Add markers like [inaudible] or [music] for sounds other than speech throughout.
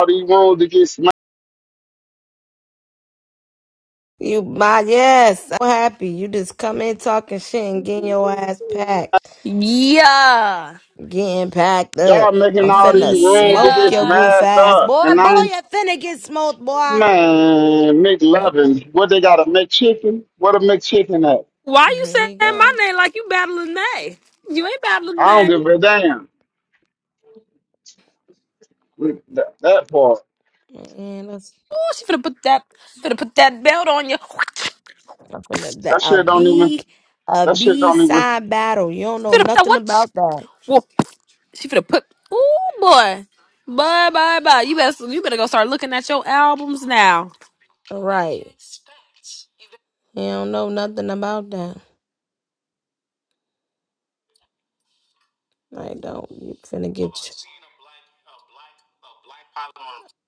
all these rooms to get smashed. You my yes, I'm happy. You just come in talking shit and getting your ass packed. Yeah. Getting packed Y'all up. making I'm all these finna rooms to smoke get your Yeah. goof smashed ass. up. Boy, And boy, I, you finna get smoked, boy. man, McLovin, what they got a McChicken? What a McChicken at? Why you saying Here you my go. name like you battling Nay? You ain't battling I don't Nay. give a damn. with That, that part. And that's Oh, she finna put that finna put that belt on you. I'm finna that That a shit don't even, B a that shit B don't even. side battle. You don't She know finna put that nothing what? about that. Whoa. She finna put Oh boy. Bye bye bye. You better you better go start looking at your albums now. Right. You don't know nothing about that. I don't. You finna get you.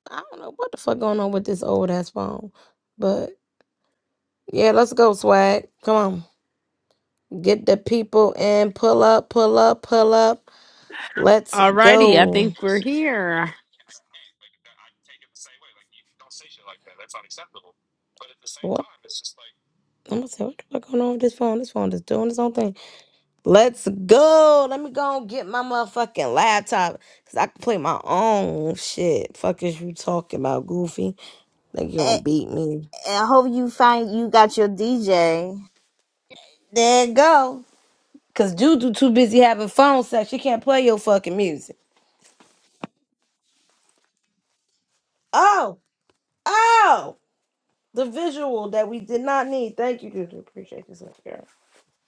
I don't know what the fuck going on with this old ass phone. But yeah, let's go, swag. Come on. Get the people in. Pull up, pull up, pull up. Let's Alrighty, I go. think we're here. What? I'm gonna say, what the fuck going on with this phone? This phone is doing its own thing. Let's go. Let me go and get my motherfucking laptop. Cause I can play my own shit. Fuck is you talking about, Goofy? Think you gonna and, beat me? I hope you find you got your DJ. There it go. Cause Juju too busy having phone sex. She can't play your fucking music. Oh, oh, the visual that we did not need. Thank you, Juju. Appreciate this, little girl.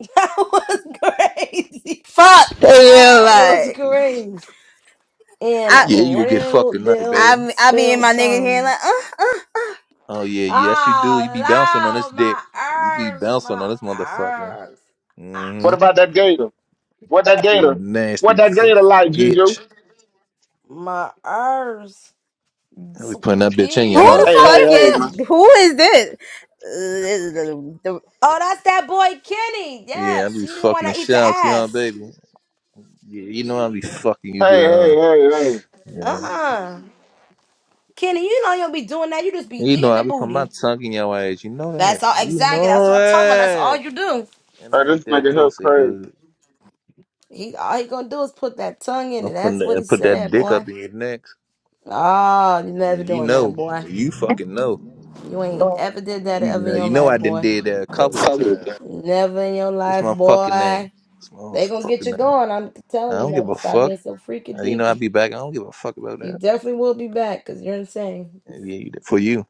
[laughs] That was crazy. Fuck [laughs] you, That was like crazy. In I Yeah, you gonna get fucked real tonight, deal baby. I I be in spill my nigga head time. like uh, uh, Oh yeah, yes you do. You be bouncing on Oh, this Lord, dick. my You be ears, bouncing my on this motherfucker. ears, ah, What Mm-hmm. about that gator? What that You a gator? What nasty that gator like, Juju? bitch. my ears. I be putting that bitch in you, Who Jesus. huh? who the Hey, fuck hey, is hey, this? man. fucking who is this? [laughs] Uh, this is the, the, Oh, that's that boy Kenny. Yeah, I Yes, be he didn't want fucking the to eat shit the out you, huh, ass. baby? Yeah, you know I be fucking you good, Hey, hey, huh? hey, hey. Yeah. Uh-uh. Kenny, you know you don't be doing that. You just be You know eating the I be putting my booty. tongue in your ass. You know That's that. all. You Exactly. That's know what I'm talking about. That's all that. you do. And Hey, I eat this that nigga here pussy crazy. good. He all he gonna do is put that tongue in I'm it. putting That's that, what he and put that said, dick up boy. in your neck. Oh, you Yeah, never you doing that, know. boy. You fucking know. You ain't ever did that You ever in know, your you know life, I done boy. did that a couple of Fuck with times. Never in your What's life, my fucking name? boy. What's my They gonna get you motherfucking name? going. I'm I telling you don't give that. a Stop fuck. being so freaky Uh, You know I deaky. be back. I don't give a fuck about You that. definitely will be back because you're insane. And yeah, you- for you,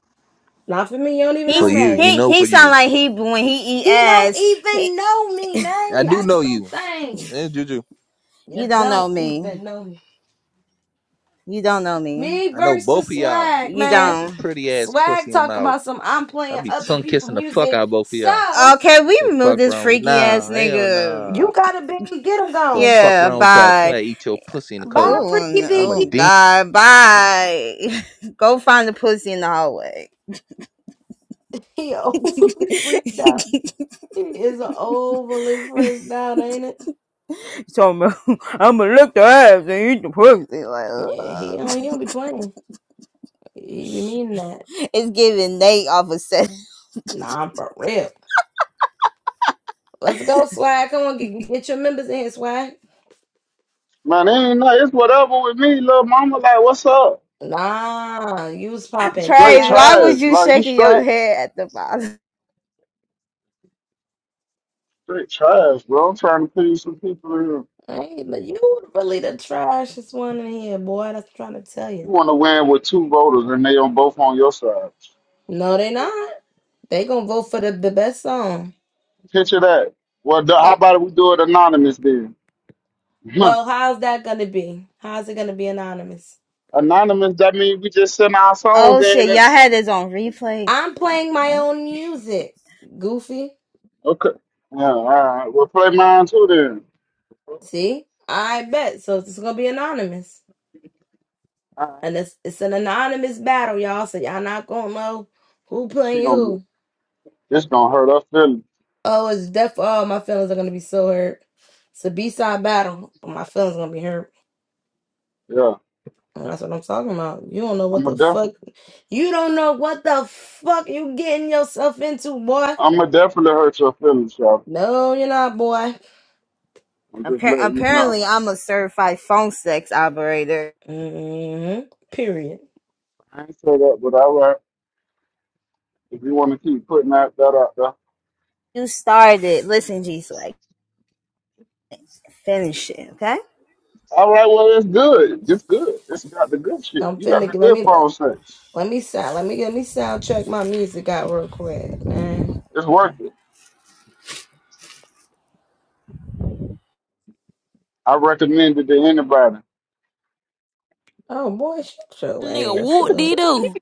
Not for me. You don't even for he's know you, me. you he know, for he sound you. like he when he eat He don't ass. He, even know me, I man. do That's know the you, thing. man, Juju. you You don't know don't me. even know me. You don't know me. Me I know both versus of y'all. swag, You Y'all man. got some don't. pretty ass Swag pussy in talk mouth. about some I'm I playing be other tongue people kissing the fuck music. out of both of y'all. So Okay, we The remove fuck this wrong with freaky ass nah, hell nigga. nah. you gotta be get him The gone. fuck Yeah, wrong with y'all too? bye. I eat your pussy in the Bye, cold. Oh, freaky I'm a oh biggie. demon. God, bye. [laughs] Go find the pussy in the hallway. He [laughs] overly [laughs] freaked out. He is overly freaked out, ain't it? so I'm gonna i lick the ass and eat the pussy. Like, Yeah, he ugh. don't he don't be playing. He be meaning that. it's giving Nate off a set. Nah, I'm for real. Let's go, swag. Come on, get, get your members in here, swag. Man, it ain't nothing. It's whatever with me, little mama. Like, what's up? Nah, you was You [laughs] popping straight Praise. Why cash. was trash. you Like, you shaking your straight. head at the bottom? Straight trash, bro. I'm trying to figure some people who Hey, but you really the trashiest one in here, boy. That's what I'm trying to tell you you. want to win with two voters and they on both on your side. No, they not. They gonna vote for the, the best song. Picture that. Well, the, how They about we do it anonymous then? [laughs] Huh. well, how's that gonna be? How's it gonna be anonymous? anonymous, that means we just send our songs Oh in. And shit, y'all it's, had this on replay. I'm playing my own music, Goofy. okay. Yeah, all right. We'll play mine too then. See, I bet. So it's gonna be anonymous, All right. and it's it's an anonymous battle, y'all. So y'all not gonna know who She playing gonna who. get, this gonna hurt her feelings. Oh, it's death. Oh, my feelings are gonna be so hurt. It's a B-side battle, but my feelings gonna be hurt. Yeah. And that's what I'm talking about. You don't know I'm what the gonna def- fuck. You don't know what the fuck you getting yourself into, boy. I'm gonna definitely hurt your feelings, y'all. No, you're not, boy. I'm just Appar- letting you know. apparently, I'm a certified phone sex operator. hmm Period. I ain't say that, but all right. If you want to keep putting that, that out there. You started. Listen, G Swag. Finish it, okay? All right, well, it's good. It's good. It's got the good shit. I'm You finna got the let good me phone sex. let me sound let me let me sound check my music out real quick, man. It's worth it. I recommend it to anybody. Oh boy, shut your Nigga, ass whoop dee up. doo.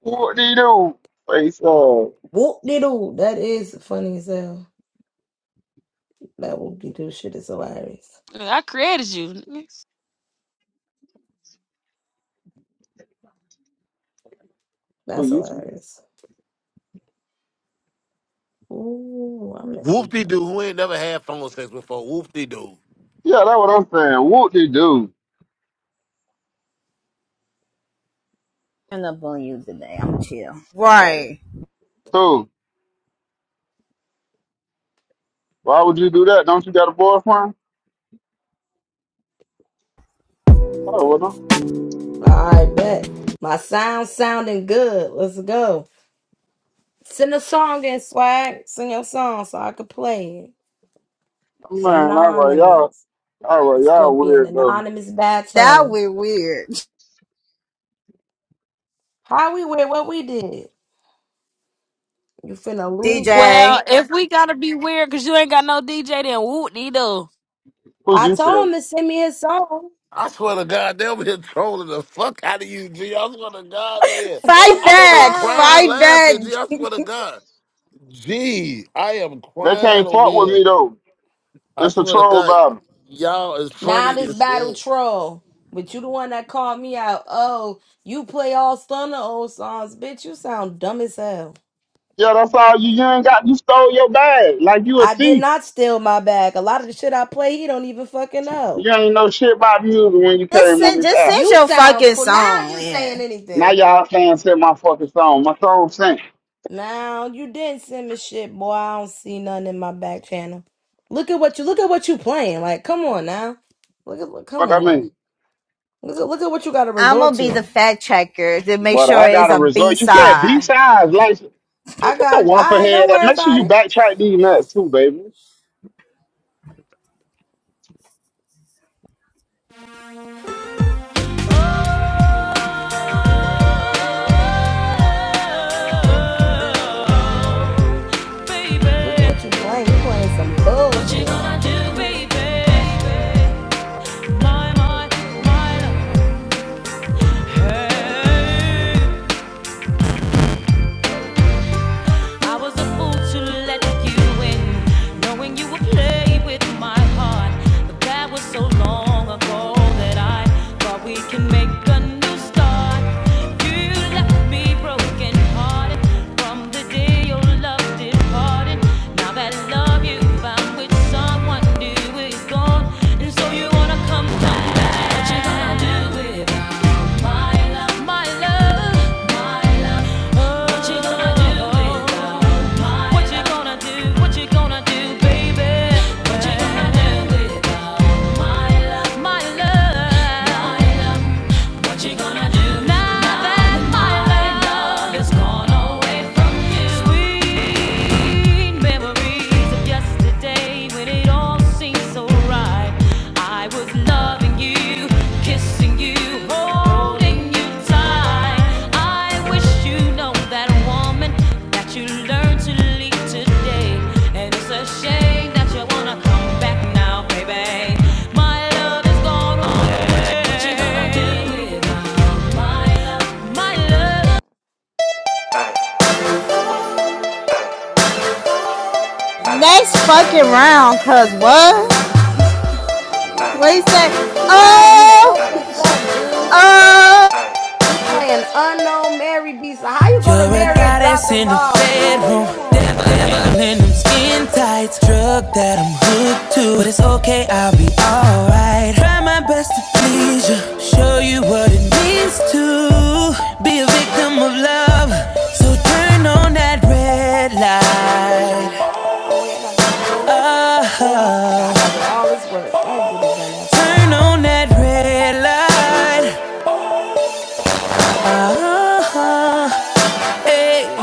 What do you do? Face uh, who Whoop de doo. That is funny as hell. That whoop de doo shit is hilarious. I created you. nigga. That's you? hilarious. Ooh, I'm Whoop-de-doo, who ain't never had phone sex before. Whoop-de-doo. Yeah, that's what I'm saying. What do you do? Turn up on you today. I'm chill. Right. So, why would you do that? Don't you got a boyfriend? Oh, well, don't. all right, bet. My sound sounding good. Let's go. Send a song in, swag. Send your song so I can play it. oh, It's man, all right, y'all. anonymous. All right, It's gonna y'all be an weird though. anonymous That battle. we weird. How we went, what we did. You finna lose. Well, DJ. if we gotta be weird because you ain't got no DJ, then whoop dee doo. Who I you told tell? him to send me his song. I swear to God, they over here trolling the fuck out of you, G. I swear to God, man. [laughs] Fight I'm over here back. crying, Fight back. laughing, G. I swear to God. G, I am They crying can't over fuck with here. me though. I It's a swear to troll God, battle. y'all is now funny this as battle hell. troll. But you the one that called me out. Oh, you play all stunner old songs, bitch. You sound dumb as hell. Yeah, that's all you. You ain't got. You stole your bag like you a I did thief. not steal my bag. A lot of the shit I play, he don't even fucking know. You ain't know shit about music when you Just came on send, this just app. send You your sound fucking cr- now song you saying in. Now anything. y'all fans hit my fucking song. My song sank. Now you didn't send me shit, boy. I don't see nothing in my back channel. Look at what you look at what you playing. Like, come on now. Look at look, come What I on. mean? Look at look at what you gotta I'm resort gonna be the to. fact checker to make But sure I it's got a a B result. You said B side. sides, like I look at your got all waffle right, don't head. And worry make sure about you it. backtrack these nuts too, baby. Hey Look at what you playing. You playing some bullshit. I was a fool to let you in, knowing you would play with my heart. But that was so long ago that I thought we can make a new start. You left me broken hearted from the day your love departed. Now that love you found with someone do is gone, and so you wanna come back. What you gonna do without my love, my love, my love? What you gonna do without my love? What you gonna do? What you gonna do, baby? What you gonna do without my love, my love, my love? What you gonna do now that my love has gone away from you? Sweet memories of yesterday when it all seemed so right. I was loving you, kissing you. Oh, holding you tight. I wish you know that woman that you learned to leave today. And it's a shame that you wanna come back now, baby. My love is gone. What you gonna do with my love? My love. Next fucking round, cause what? What you say? Swag, you fucking Oh, suck, dude. oh, Bye. You playing unknown Mary B. So how you go to You're a Mary and drop goddess the in the ball? Swag, bedroom. come on. Devil in them skin tights. Drug that I'm hooked to. But it's okay, I'll be alright. Try my best to please you. Show you what it means to be a victim of love. So turn on that red light. Oh wait, I gotta do the poll. Do I? I got Oh, I gotta do all this work. I ain't do this dumbass turn poll. on that red light. Oh, hey.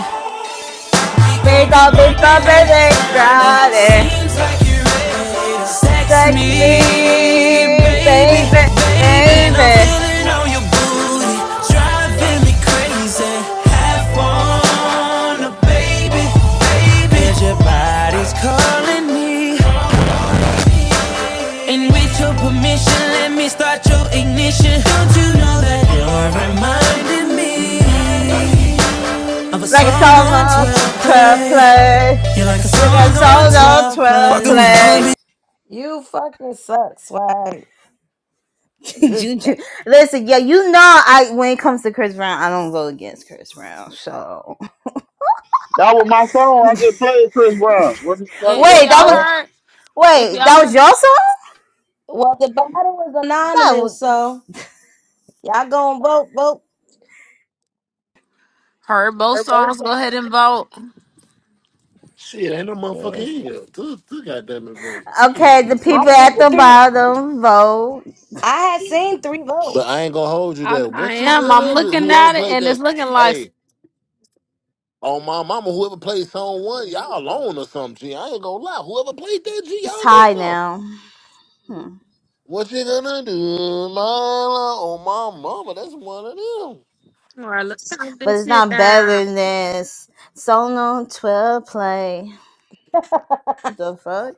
We we gon' be gon' be bumping bumping it, and grinding. grinding. Seems like you're ready to sex Sex me, me, baby, baby, baby. And I'm baby. feeling on your booty, driving me crazy. Have fun, baby, baby. your body's calling me, and with your permission, let me start your ignition. Don't you know that you're reminding me of a Like a song song on on 12 12 play? play. You're like a Like a song on song on 12 play. 12 Fucking with play. Harvey. You fucking suck, swag. [laughs] This Juju, listen, yeah, you know, I when it comes to Chris Brown, I don't go against Chris Brown. So That was my song. I just played Chris Brown. What you talking I- If wait, about, that y'all was Paul? heard, if wait, y'all that was heard, your song. well, the battle was That anonymous, was, so y'all gonna vote, vote. heard both They're both songs, so go ahead and funny. vote. Shit, ain't no motherfucker Yes, yeah. here. Two, two goddamn it, bro. Shit. okay. The I people seen at the Okay. three. bottom vote. I had seen three But I votes, ain't gonna hold you I, there. I What you am. I'm gonna do? looking Whoever at it, played and that? it's looking like Hey, Oh my mama, whoever played song one, y'all alone or something. G, I ain't gonna lie. Whoever played that, G, It's y'all know tied something. now, hmm. What you gonna do, Lila? Oh my mama, that's one of them. somewhere. Let's count but this it's shit not better down. than this. Solo twelve play. The fuck,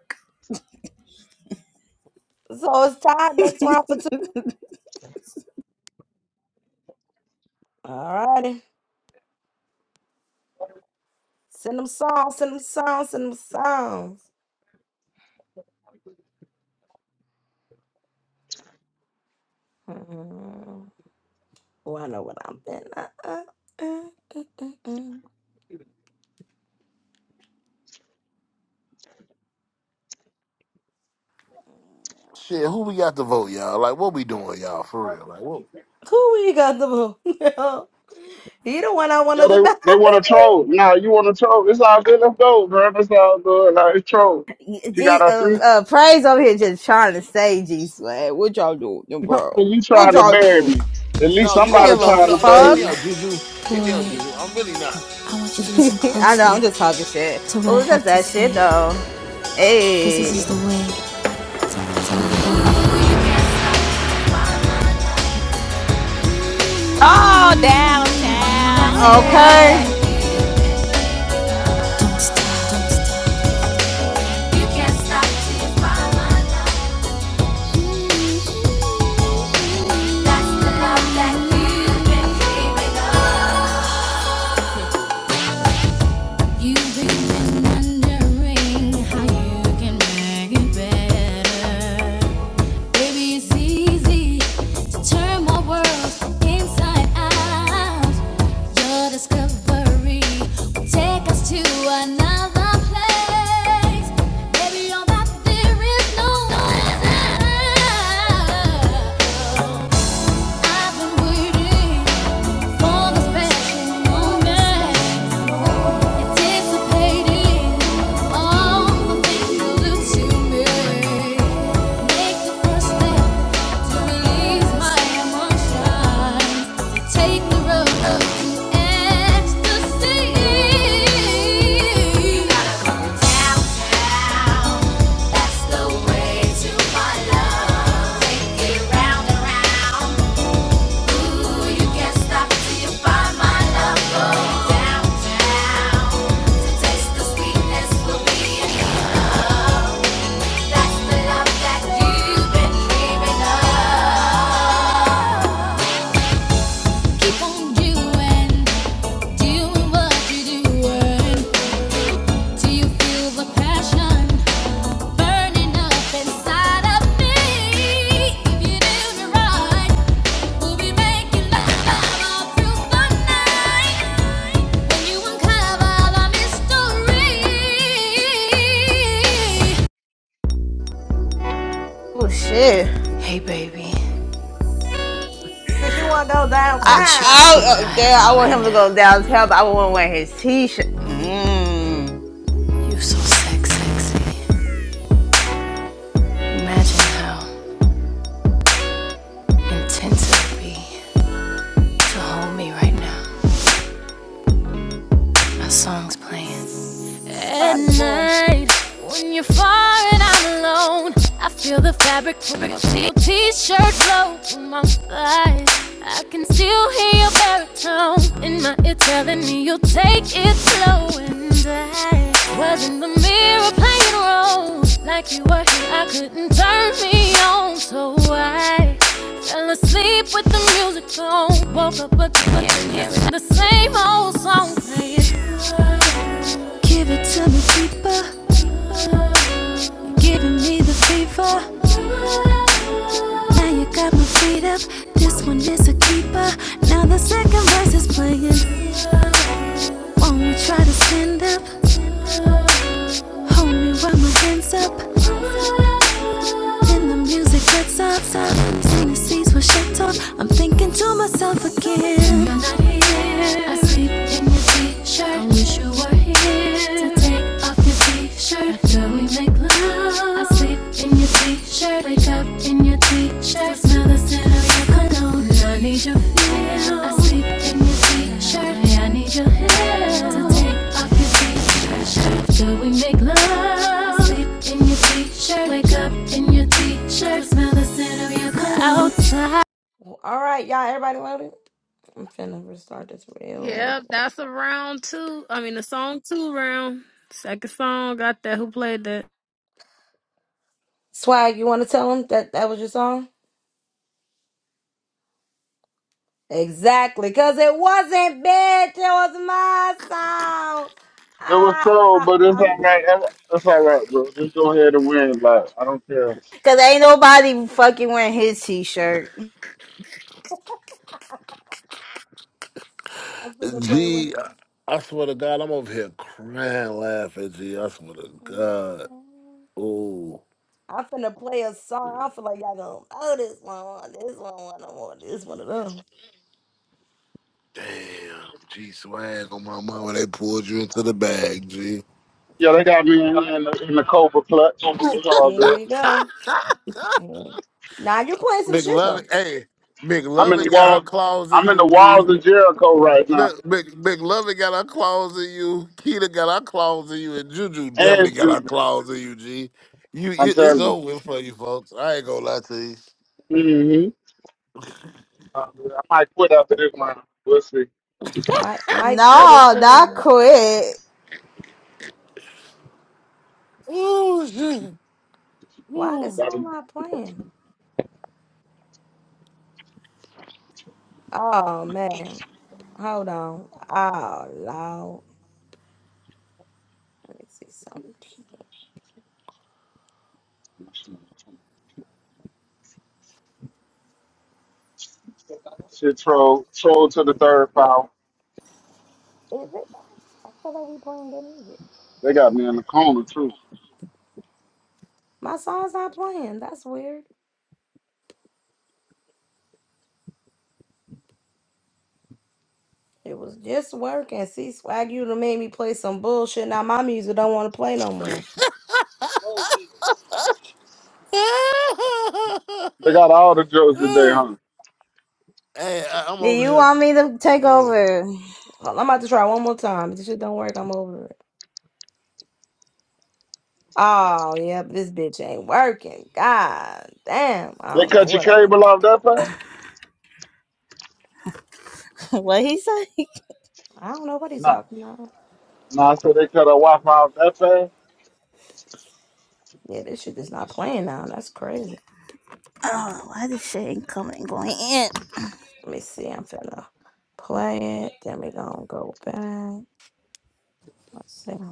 so it's tied next round for two. All righty, send them songs, send them songs, send them songs. [laughs] Oh, I know what I'm thinking. Uh, uh, uh, uh, uh, uh. Shit, who we got to vote, y'all? Like, what we doing, y'all? For real, like, what? Who we got the boo? [laughs] he the one I Yo, wanted to battle they they want to with. troll. Nah, you want to troll? It's all good. Let's go, bro. It's all good. Like it's troll. You got G, uh, a three. uh, praise over here just trying to say G swag. What y'all doing, [laughs] bro? you What trying to y'all bury do? me? At least No, I you don't know, somebody give a no, trying to no, no. Hit bury me me. fuck. out, Juju. Boy, Hit me out, I Juju. I'm really not. want you to listen [laughs] I know, closely I'm just talking shit. to what I Oh, have that's to that say, shit though. because this is the Hey, way. Oh, downtown. okay. Hey. Don't stop, don't stop. You can't stop till you find one. That's the love that you've been dreaming of. You've been wondering how you can make it better. Baby, it's easy to turn my world inside out. Your discovery will take us to another place. Baby, on that there is no other. I've been waiting for the special moment. That's the way to my love. Take it round and round. Passion. burning up inside of me. If you do me right, we'll be making love all through the night. When you uncover the mystery, Oh shit. [laughs] Since you want to go I, downtown, I, uh, damn, I want him to go downtown, but I wouldn't wear his t-shirt. Mm. At slide in the pool. night, when you're far and I'm alone, I feel the fabric from your t- shirt blow through my thighs. I can still hear your baritone in my ear telling me you'll take it slow. And I was in the mirror playing roles like you were here. I couldn't turn me on, so I fell asleep with the music on. Woke up again, hearing the same old song playing. Give it to me deeper. Giving me the fever. Now you got my feet up. This one is a keeper. Now the second verse is playing. Won't we try to stand up? Hold me while my hands up. Then the music cuts up. Tennessee's were shut off. I'm thinking to myself again. You're not here. I I said, see things, things, I things, wish you were here to take After we make love, I sleep in your t-shirt, wake make up up in your things, things, t-shirt, things. smell the scent of your cologne. I need your feel. I sleep in your t-shirt, yeah, I need your hair. So take till we make love, I sleep in your t-shirt, wake up in your t-shirt, smell the Well, All right, y'all. Everybody loaded. I'm finna restart this real Yep, that's a round two. I mean, the song two round. Second song got that. Who played that? swag. You want to tell them that that was your song? Exactly, because it wasn't bad. It was my song. It was Ah, so, [laughs] but it's I'm all right. It's it's all right, bro. Just go ahead and win. Like I don't care. Cause ain't nobody fucking wearing his t-shirt. finna play G, one. I I swear to God, I'm over here crying, laughing. G, I swear to God. Oh, I'm finna play a song. I feel like y'all gonna oh this one, this one, one, I this one of them. damn. G swag on my mama. They pulled you into the bag, G. Yeah, they got me in here in the, in the Cobra clutch. It's all Here good. we go. Here- Now you playing some shit McLovin, though. hey, I'm in the McLovin got her walls. claws in I'm in you, the G. walls of Jericho right now, Look, Mc, McLovin got her claws in you. Keita got her claws in you, and Juju definitely and got her Judah. claws in you, G. You, you I'm it's telling you. over with for you folks. I ain't gonna lie to you. Mm-hmm. Uh, I might quit after this one. We'll see. Mike, Mike quit is No, not crazy. quit. Ooh, shit. Why this song That'll- not playing? Oh man, hold on. Oh Lord, let me see something. Shit, troll, troll to the third foul. Is it though? I feel like we playing good music. They got me in the corner too. My song's not playing. That's weird. It was just working. See, swag you done made me play some bullshit. Now my music don't want to play no more. They got [laughs] all the jokes today, huh? hey, I, I'm Do over you here, want me to take man. over? Hold- I'm about to try one more time. If this shit don't work, I'm over it. Oh, yep, this bitch ain't working. God damn. I They don't know cut your what I done. cable off that fast? [laughs] what he say? I don't know what he's No, talking about. no. I said they cut our Wi-Fi off that fast. Yeah, this shit is not playing now. That's crazy. Oh, why this shit ain't coming going in? Let me see. I'm finna play it. Then we gonna go back. Let's see.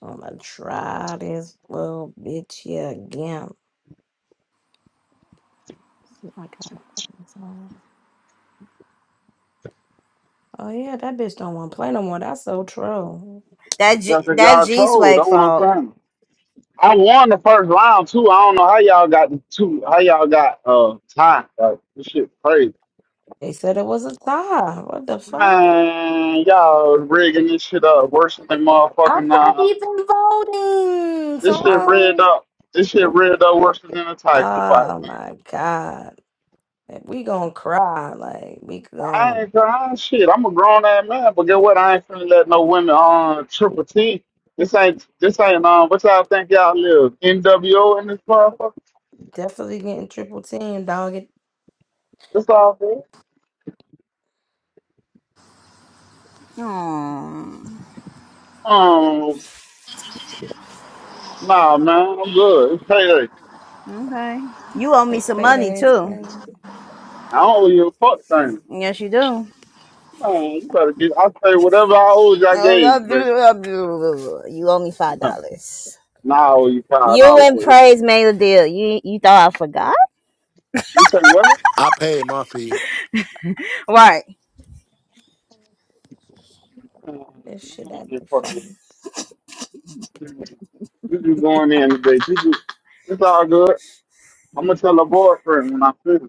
I'm gonna try this little bitch here again. I gotta play my song. Oh yeah, that bitch don't want to play no more. That's so true. That G, That's what that y'all G told. swag That's what I'm fault. saying. I won the first round too. I don't know how y'all got the two. How y'all got uh time? Like this shit crazy. They said it was a tie. What the fuck? Man, y'all rigging this shit up worse than I'm motherfucking not uh. even voting, This so I shit rigged don't. up. This shit rigged up worse than a Tyson fight, Oh man. my god, Like, we gonna cry. Like we I gonna ain't crying shit. I'm a grown ass man, but get what? I ain't finna let no women on triple T. This ain't this ain't um. What y'all think y'all live? NWO in this motherfucker. definitely getting triple team, dog. It, This all good. Oh. Um, Nah, man, I'm good. It's payday. Okay. You owe me it's some money payday, it's too. crazy. I don't owe you a fuck thing. Yes, you do. Man, you better get. I say whatever I owed you, I gave you, baby. Oh, [laughs] You owe me five Nah, dollars. nah, I owe you five You dollars and for it. Praise made a deal. You you thought I forgot? You say what? Uh, I paid my fee. Right. I don't This shit owe that you be fucking- fun. You just going in today? You just, it's all good. I'm gonna tell her boyfriend when I finish.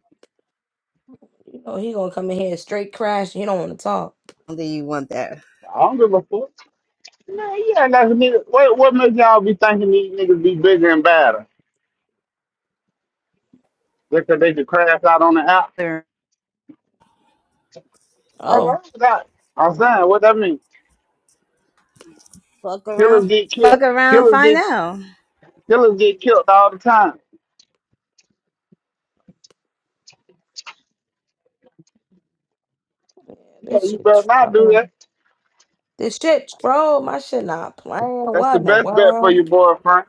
You know he gonna come in here straight crash. He don't want to talk. Do you want that? I don't give a fuck. Man, yeah, that's a nigga. What, what makes y'all be thinking these niggas be bigger and badder? Just 'cause they could crash out on the app? Sure. All Oh. right, that. I'm saying, what that mean? Fuck around. Killers get Fuck killed. around. Killers Find get out. Killers get killed all the time. Yeah, Yeah, this you shit better not do troll. that. This shit troll. My shit not playing. That's What the in the best bet for world? your boyfriend.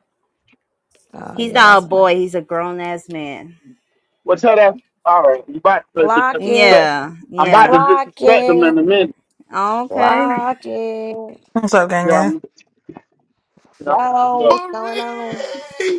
Oh He's yeah, not a that's right. boy. He's a grown ass man. Well, tell that. All right, you about to Block it. disrespect. Yeah. I'm about to Yeah. Clock disrespect them it. in a minute. Okay. Block it. What's up, gang? Yeah, gang? I'm. Yeah, I'm gonna just Yo, love. what's going on? Marie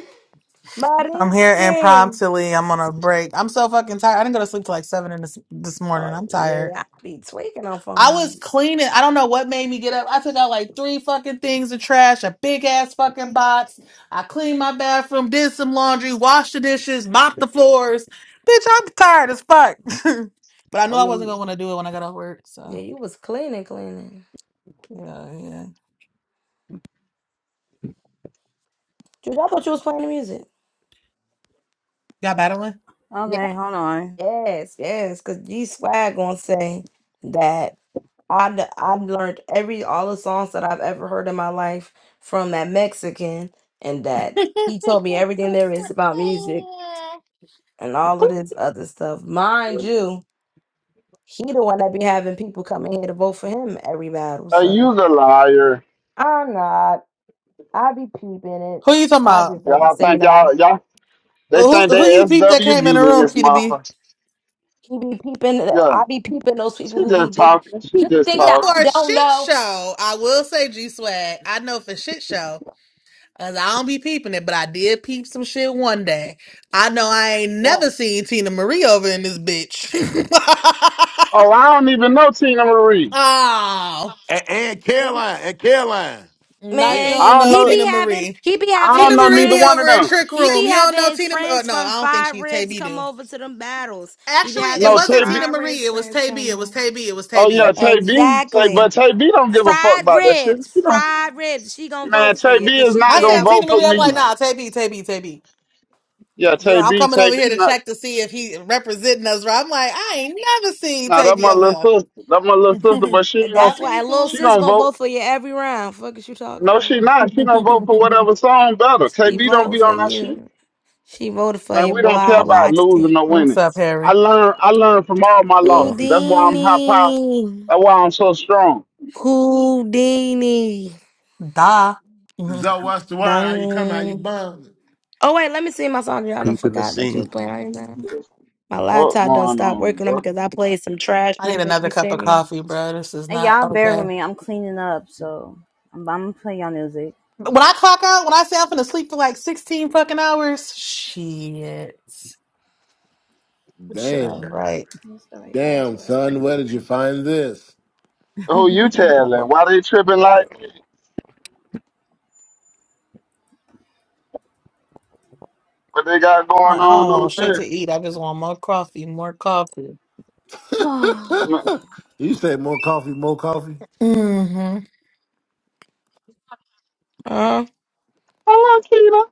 I'm here Marinsky. impromptly. I'm on a break. I'm so fucking tired. I didn't go to sleep till like seven in this this Oh morning. I'm yeah, tired. yeah. I be tweaking on phone I was numbers. cleaning. I don't know what made me get up. I took out like three fucking things of trash, a big ass fucking box. I cleaned my bathroom, did some laundry, washed the dishes, mopped the floors. Bitch, I'm tired as fuck. [laughs] but I knew Oh I yeah, wasn't gonna you- want to do it when I got off work. yeah. So You was cleaning, cleaning. yeah, yeah. Dude, I thought you was playing the music. Y'all battling? Yeah. Okay. Hold on. Yes, yes. Cause G Swag gonna say that. I d- I learned every all the songs that I've ever heard in my life from that Mexican, and that he told me everything there is about music and all of this other stuff. Mind you, he the one that be having people coming here to vote for him every battle. Uh, So you's a liar. I'm not. I be peeping it. Who you talking I about? just don't be Y'all saying think nothing. y'all y'all they Who think they who you peep that came in the SWV in room, this Kitty B? motherfucker. He be peeping. Yeah, I be peeping those people she who he just did. talking. She You just think But that for a talking. I don't shit know? show, I will say G Swag. I know for shit show, cause I don't be peeping it, but I did peep some shit one day. I know I ain't never Yes. seen Tina Marie over in this bitch. [laughs] Oh, I don't even know Tina Marie. oh, and, and Caroline and Caroline. now you Yeah. Man, don't I don't know he know. be Tina having Marie. he be I having don't Tina his know Marie neither be one of over friends. in them. Trick He Room. be You don't having know his Tina. Mar- Oh, friends no, from I don't think Five she's Tay Ribs B. come Do over to them battles. He be actually, having it No, his wasn't Che Tina fried ribs Marie. It was friends Tay B. come It was over. Tay B. It was Tay Oh yeah, B. Tay B. Tay, Exactly. but Tay B don't give a fuck Fried about that shit. ribs, You know, fried ribs. She gonna Man, vote for Tay you B because is she not I did. gonna I said was Tina vote for Marie. I'm peeping the like, me. nah, vote, Tay B. Tay B. Tay B. Yeah, She Tay like, I'm B. coming Tay over B. here to Not. check to see if he representing us. Right? I'm like, I ain't never seen Nah, that Tavy my little over sister. That my little sister. But here. she ain't and [laughs] gonna. Not that's why Tavy and little cool. She sis gonna gonna vote. vote for you every round. Fuck is you talking No, she about? not. She gonna vote for [laughs] whatever song better. Tay She B don't voting be for on that shit. you. She voted for Man, you, we boy. don't care I about watched it. losing or What's winning. up, I Harry? learned. I learned from all my know, losses. That's why I'm high power. Houdini, That's why I'm so strong. Houdini. Da. Mhm. Zoe, what's the word? How you coming? How you Dang. bum? Oh wait, let me see my song. Y'all done peeping the forgot that you scene. was playing right now. My What laptop done going stopped on, working on bro? because I played some trash I need music another you cup of sent me. coffee, bro. This is Hey, not y'all bear okay. with me. I'm cleaning up, so I'm, I'm gonna play y'all music. When I clock out, when I say I'm gonna sleep for like 16 fucking hours, shit. What Should i write? Damn. What's the right Damn, password? son, where did you find this? Who you telling? Why they tripping like me? What they got going Like, I on don't want over shit there? to eat. I just want more coffee, more coffee. [laughs] [sighs] Man, You say more coffee, more coffee. hmm Huh? hello, Keita.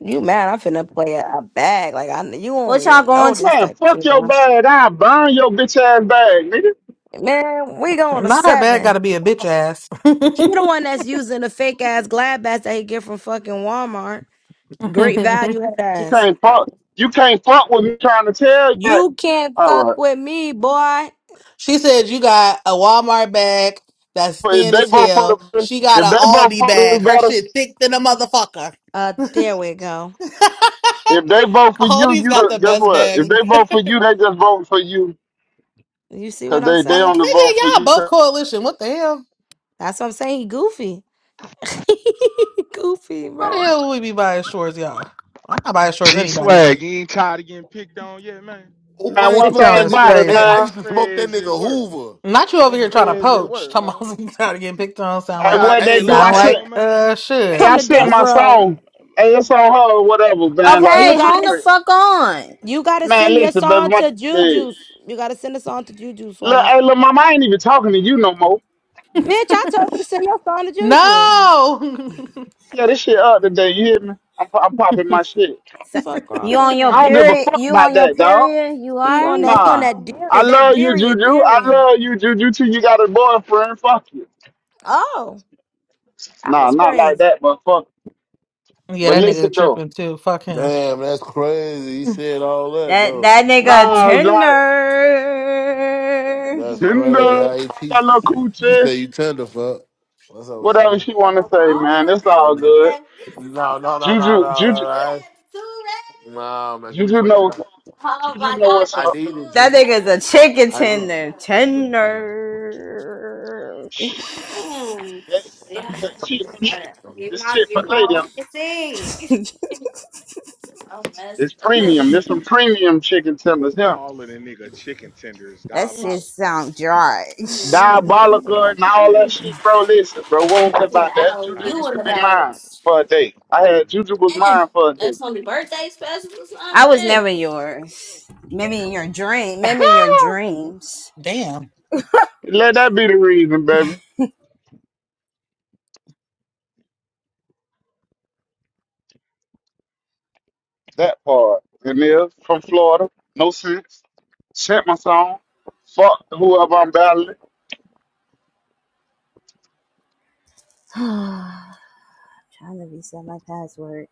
You mad? I'm finna play a, a bag. Like I kn- you don't what y'all even know going this Man, type of fuck shit. But your I bag. finna- I burn your bitch ass bag, nigga. man, we going to Not her bad. Got seven. to be a bitch ass. He the one that's using the fake ass glad bags that he get from fucking Walmart. Great [laughs] value head You ass. can't fuck. You can't fuck with me trying to tell you. That. You can't All fuck right. with me, boy. She said you got a Walmart bag that's But if thin they as vote for hell. the, She got if an they vote Aldi for the bag. Her shit batters, thick than a motherfucker. Uh, there we go. [laughs] if they vote for you, Aldi's you got the, the guess best what? bag. If they vote for you, they just vote for you. You see what 'Cause I'm they they Oh, saying? only vote for nigga, y'all you. both 'cause- coalition. What the hell? That's what I'm saying. He goofy. [laughs] Goofy, Why the bruh. hell would we G be buying shorts, y'all? I'm not buying shorts G anybody, but swag, you ain't tired of getting picked on yet, man. Oh, Man, I ain't one this smoked on thing that is nigga. about it, Hey, That's I crazy. man. that's used to smoke that crazy nigga work. Hoover. Not you I over That used here to trying to smoke crazy him. poach. work, Talking man. about [laughs] I'm tired You getting you picked on. you Sound Hey, like I, tired what of hey, they getting do? look, I sound picked hey. like on, sent. man? uh Hey, Come I shit. to sent death mo- my Nah, row. song. Hey, nah. it's on her or whatever, man. Like You Okay, that shit hold gotta the crazy. s- fuck on. you gotta Man, send your listen, song baby, to my. Juju. You gotta send a song to Juju Look, swag. hey, look, mama, I ain't even talking to you no more. Bitch, I told you to send your song to Juju. No. [laughs] Yeah, this shit up today. You hear me? I'm, po- I'm popping my shit. Sa- Fuck wrong You with on your I don't him. give a period? fuck You about on your that, dog. period? You He on alright? that he on Nah. that I Darian, that love you, Darian Juju. I Darian. love you, Juju, too. You got a boyfriend. Fuck you. Oh, that Nah, was not like crazy. that, but fuck. yeah, But that nigga listen, though. tripping too. Fuck him. Damn, that's crazy. He said all that, That though. that nigga Nah, like, tender. That's crazy Tinder, how he about that little teaches. She coochie, said, You tender fuck. What's up, what's up? whatever she want to say, man. It's all good. No, no, no, no, no, Juju, Juju, no, no. Nah, man, give me Juju 45. know, Juju know what's I up. need it, G. That nigga's a chicken I agree. tender. Tender. Shh. Mm, That- yeah. that- that shit for later. Uh, Give This my shit for give my later. whole thing. I'm messed It's up. premium. There's some premium chicken tenders here. Calling a nigga chicken tender is That shit diabolical. Yes. sound dry. Mm, no, really? Diabolical and all that Mm. shit, bro. Listen, bro, we don't care I need [laughs] an about It's that. hour. Juju used You in to be diabolical. about mine for a day. I had Juju was eh, mine for a day. that's only birthday special or I was something. never yours. Maybe in your dream. [laughs] Maybe in your dreams. Damn. Let that be the reason, baby. That part. And then from Florida, no sense. Chant my song. Fuck whoever I'm battling. [sighs] Trying to reset my password.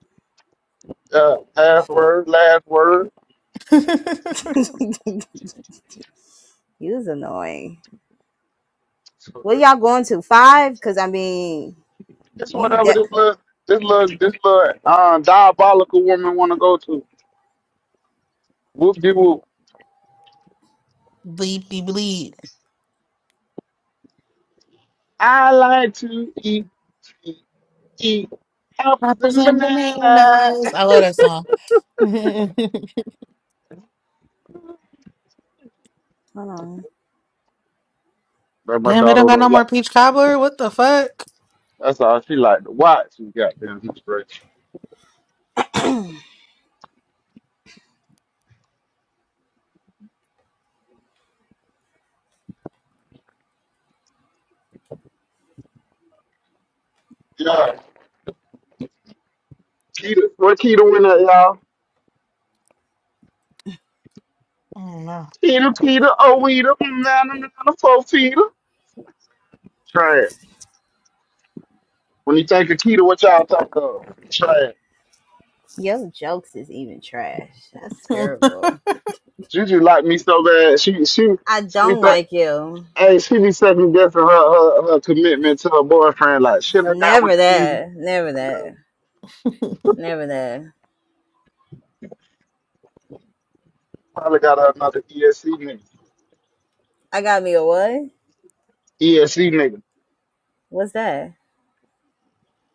Uh, half word, last word. [laughs] [laughs] You was annoying. Where y'all going to? Five? Cause I mean It's You whatever de- this little, this little, this little uh, diabolical woman want to go to. Whoop de whoop. Bleepy bleep. I like to eat, eat, eat apples Apples and and banana. bananas. I love that song. [laughs] Damn, hold on. But my they don't daughter got no don't more like. peach cobbler. What the fuck? That's all she like to watch. She got damn straight. Yeah, Keita. What Keita win at y'all? I don't Keita, Keita, oh Weeta, banana, banana, four Keita. Trash. When you think of Keita, what y'all think of? Trash. Your jokes is even trash. That's know. terrible. Juju like me so bad. She she I she be don't think. like you. Hey, she be second guessing her, her her commitment to her boyfriend. Like, shit, I got with Never this nigga. that. Never that. Never that. Probably got her another ESC nigga. I got me a what? ESC nigga. What's that?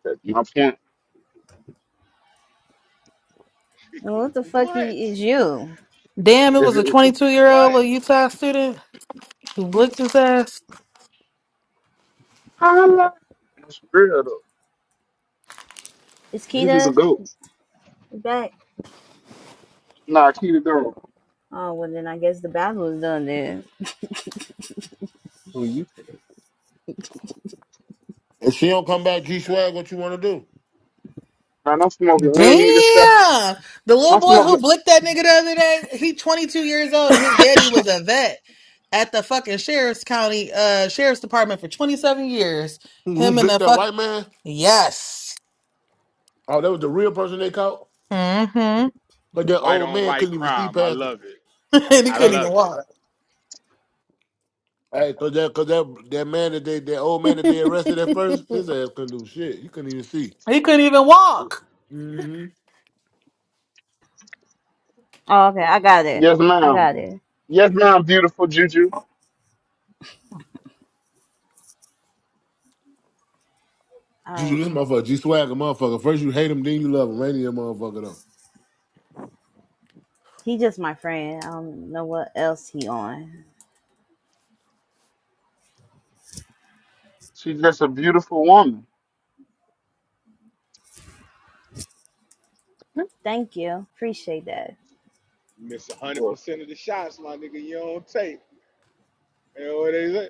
That's my point. Nigga, What the fuck i- What? is you? [laughs] Damn, it [laughs] Is was it? a Nigga, 22 year old What? little Utah student who blicked his ass. I love. That's real though. Is Juju the Kita goat. back? Nah, keep it going. Oh well, then I guess the battle is done then. Who you? think? If she don't come back, G Swag, what you want to do? Man, I'm smoking any nigga stuff. Damn, the little I'm boy who smoking. blicked that nigga the other day. He 22 years old and his daddy was a vet at the fucking sheriff's county uh sheriff's department for 27 years. Who, who Him and blicked the that fuck white man? yes. Oh, that was the real person they caught? Mm-hmm. [laughs] and Because that White old on man white couldn't even see crime. I past the. love it. he I Hey, couldn't even love it. walk. hey, cause that, cause that, that man that they, that old man that they arrested at first, his [laughs] ass couldn't do shit. You couldn't even see. He couldn't even We walk. Mm. Oh okay, I got it. Yes, I ma'am. got it. Yes, ma'am. Beautiful Juju. All Juju, this right. motherfucker, G Swag, a motherfucker. First you hate him, then you love him. Rainy a motherfucker though. He just my friend. I don't know what else he on. She's just a beautiful woman. Thank you. Appreciate that. Miss one hundred Boy. percent of the shots, my nigga. You don't take. You know what they say?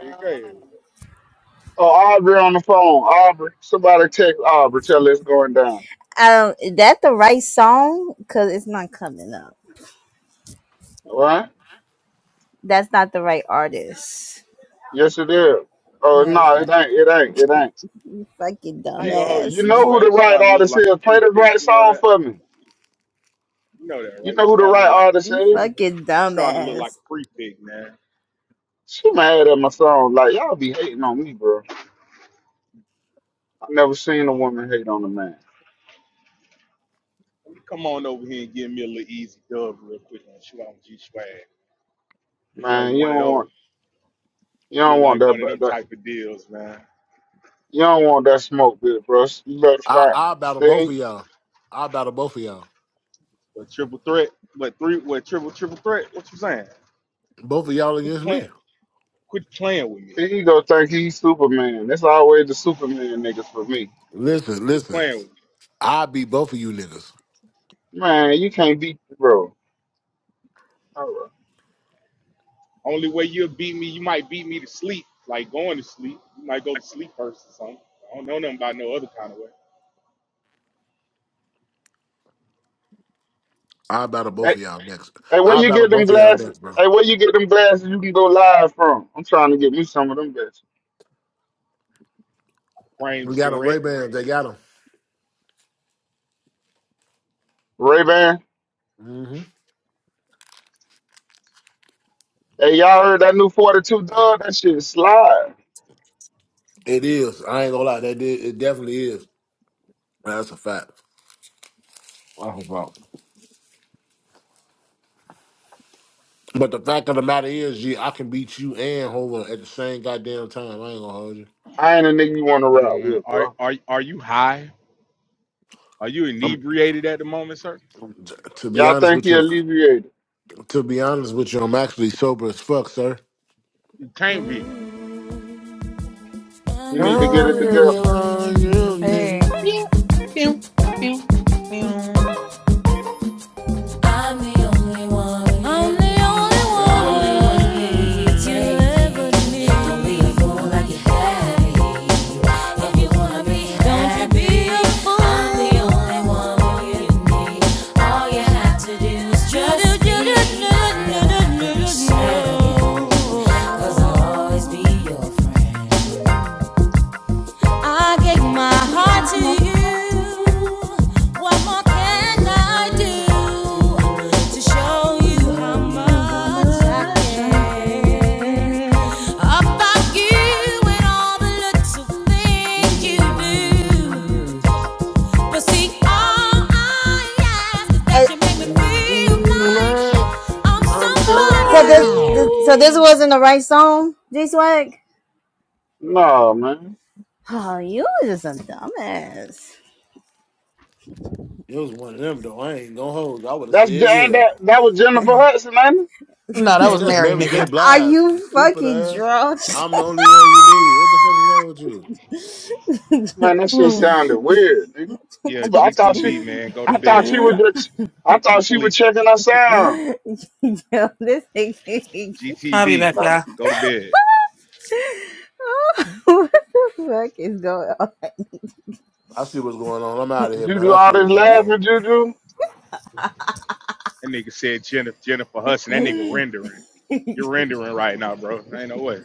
It's crazy. Aubrey on the phone. Aubrey, somebody text Aubrey. Tell her it's going down. Um, is that the right song? Cause it's not coming up. All right? That's not the right artist. Yes, it is. Oh No, it's no, not. it ain't. It ain't. It ain't. You fucking I ain't You gonna hold you, you dumbass. G know who Swag. the You right starting to look artist like is. a free Play the pick. right You know song that? for me. You know that, You right? You know who the starting to right look like artist You is. fucking you starting to look like dumbass. a free pick, man. She mad at my song. Like y'all be hating on me, bro. I never seen a woman hate on a man. Let me Come on over here and give me a little easy dub real quick on shoot out G Swag. Like Man, you one of don't those. want you don't Look want like that one of but them that type of deals, man. you don't want that smoke, bit, bro. You better I fight. I battle both of Stay y'all. I battle both of y'all. But triple threat, but three what triple triple threat? What you saying? Both of y'all Quit against me. playing quit playing with me. He go think he's Superman. That's always the Superman niggas for me. Listen, Quit listen. playing with me. I beat both of you niggas. Man, you can't beat bro. All right. Only way you'll beat me, you might beat me to sleep, like going to sleep. You might go to sleep first or something. I don't know nothing about no other kind of way. I battle both Hey, of y'all next. hey, where I you battle get them both of y'all glasses? next, bro. Hey, where you get them glasses you can go live from? I'm trying to get me some of them bitches. We Frames got them Ray direct. Bans. They got them. Ray Ban. Mm-hmm. Hey, y'all heard that new 42 dub? That shit slide. It is. I ain't gonna lie. That did. It definitely is. That's a fact. That's a fact. But the fact of the matter is, G, I can beat you and Hova at the same goddamn time. I ain't gonna hold you. I ain't a nigga you want to rap Uh, with, are bro. are are you high? Are you I'm, inebriated at the moment, sir? to be Y'all honest think with he you. alleviated. To be honest with you, I'm actually sober as fuck, sir. You can't be. He I I'm need the to get it only really together. one you want you. need. Hey, man. Pew, pew, pew, pew. I'm the only one. I'm the [laughs] only one you need. Don't be a fool like Mm. you had If you wanna be happy, don't be a fool. I'm the only one you need. All you have to do is just be. Cause I'll always be your friend. I gave my Thinking heart about to you. you, What more What can would I I do do if about to show you I how you, how much I much I care care. about you and all the little things you do? didn't But see, all I ask is And that you make me feel like Like I'm I'm so somebody. this, Sorry. this so this somebody. wasn't the right song, J Swag? No, man. Oh, you was just a dumbass. It was one of them though. I ain't gonna hold. you. I would have That's said that yeah. that, that was Jennifer Hudson, ain't it? No, that Hey, was that's Mary, Mary J. nigga. Are Blige. you you Stupid fucking ass. drunk? I'm the only one you need. What the fuck is wrong with you? Man, that shit Mm. sounded weird, nigga. I, Yeah, I thought she GTB man, go to I thought she bed. was [laughs] just I thought He's she was sleepy. checking us out. Yo, this thing. [laughs] I'll be GTB, back, like, y'all. go to bed. what the fuck is going I see what's going on. I'm out of Did here, you man. do I see all what's this going on. laughing, Juju? That nigga said Jennifer Jennifer Hudson. That nigga on? rendering. [laughs] You're rendering right now, bro. Ain't no way.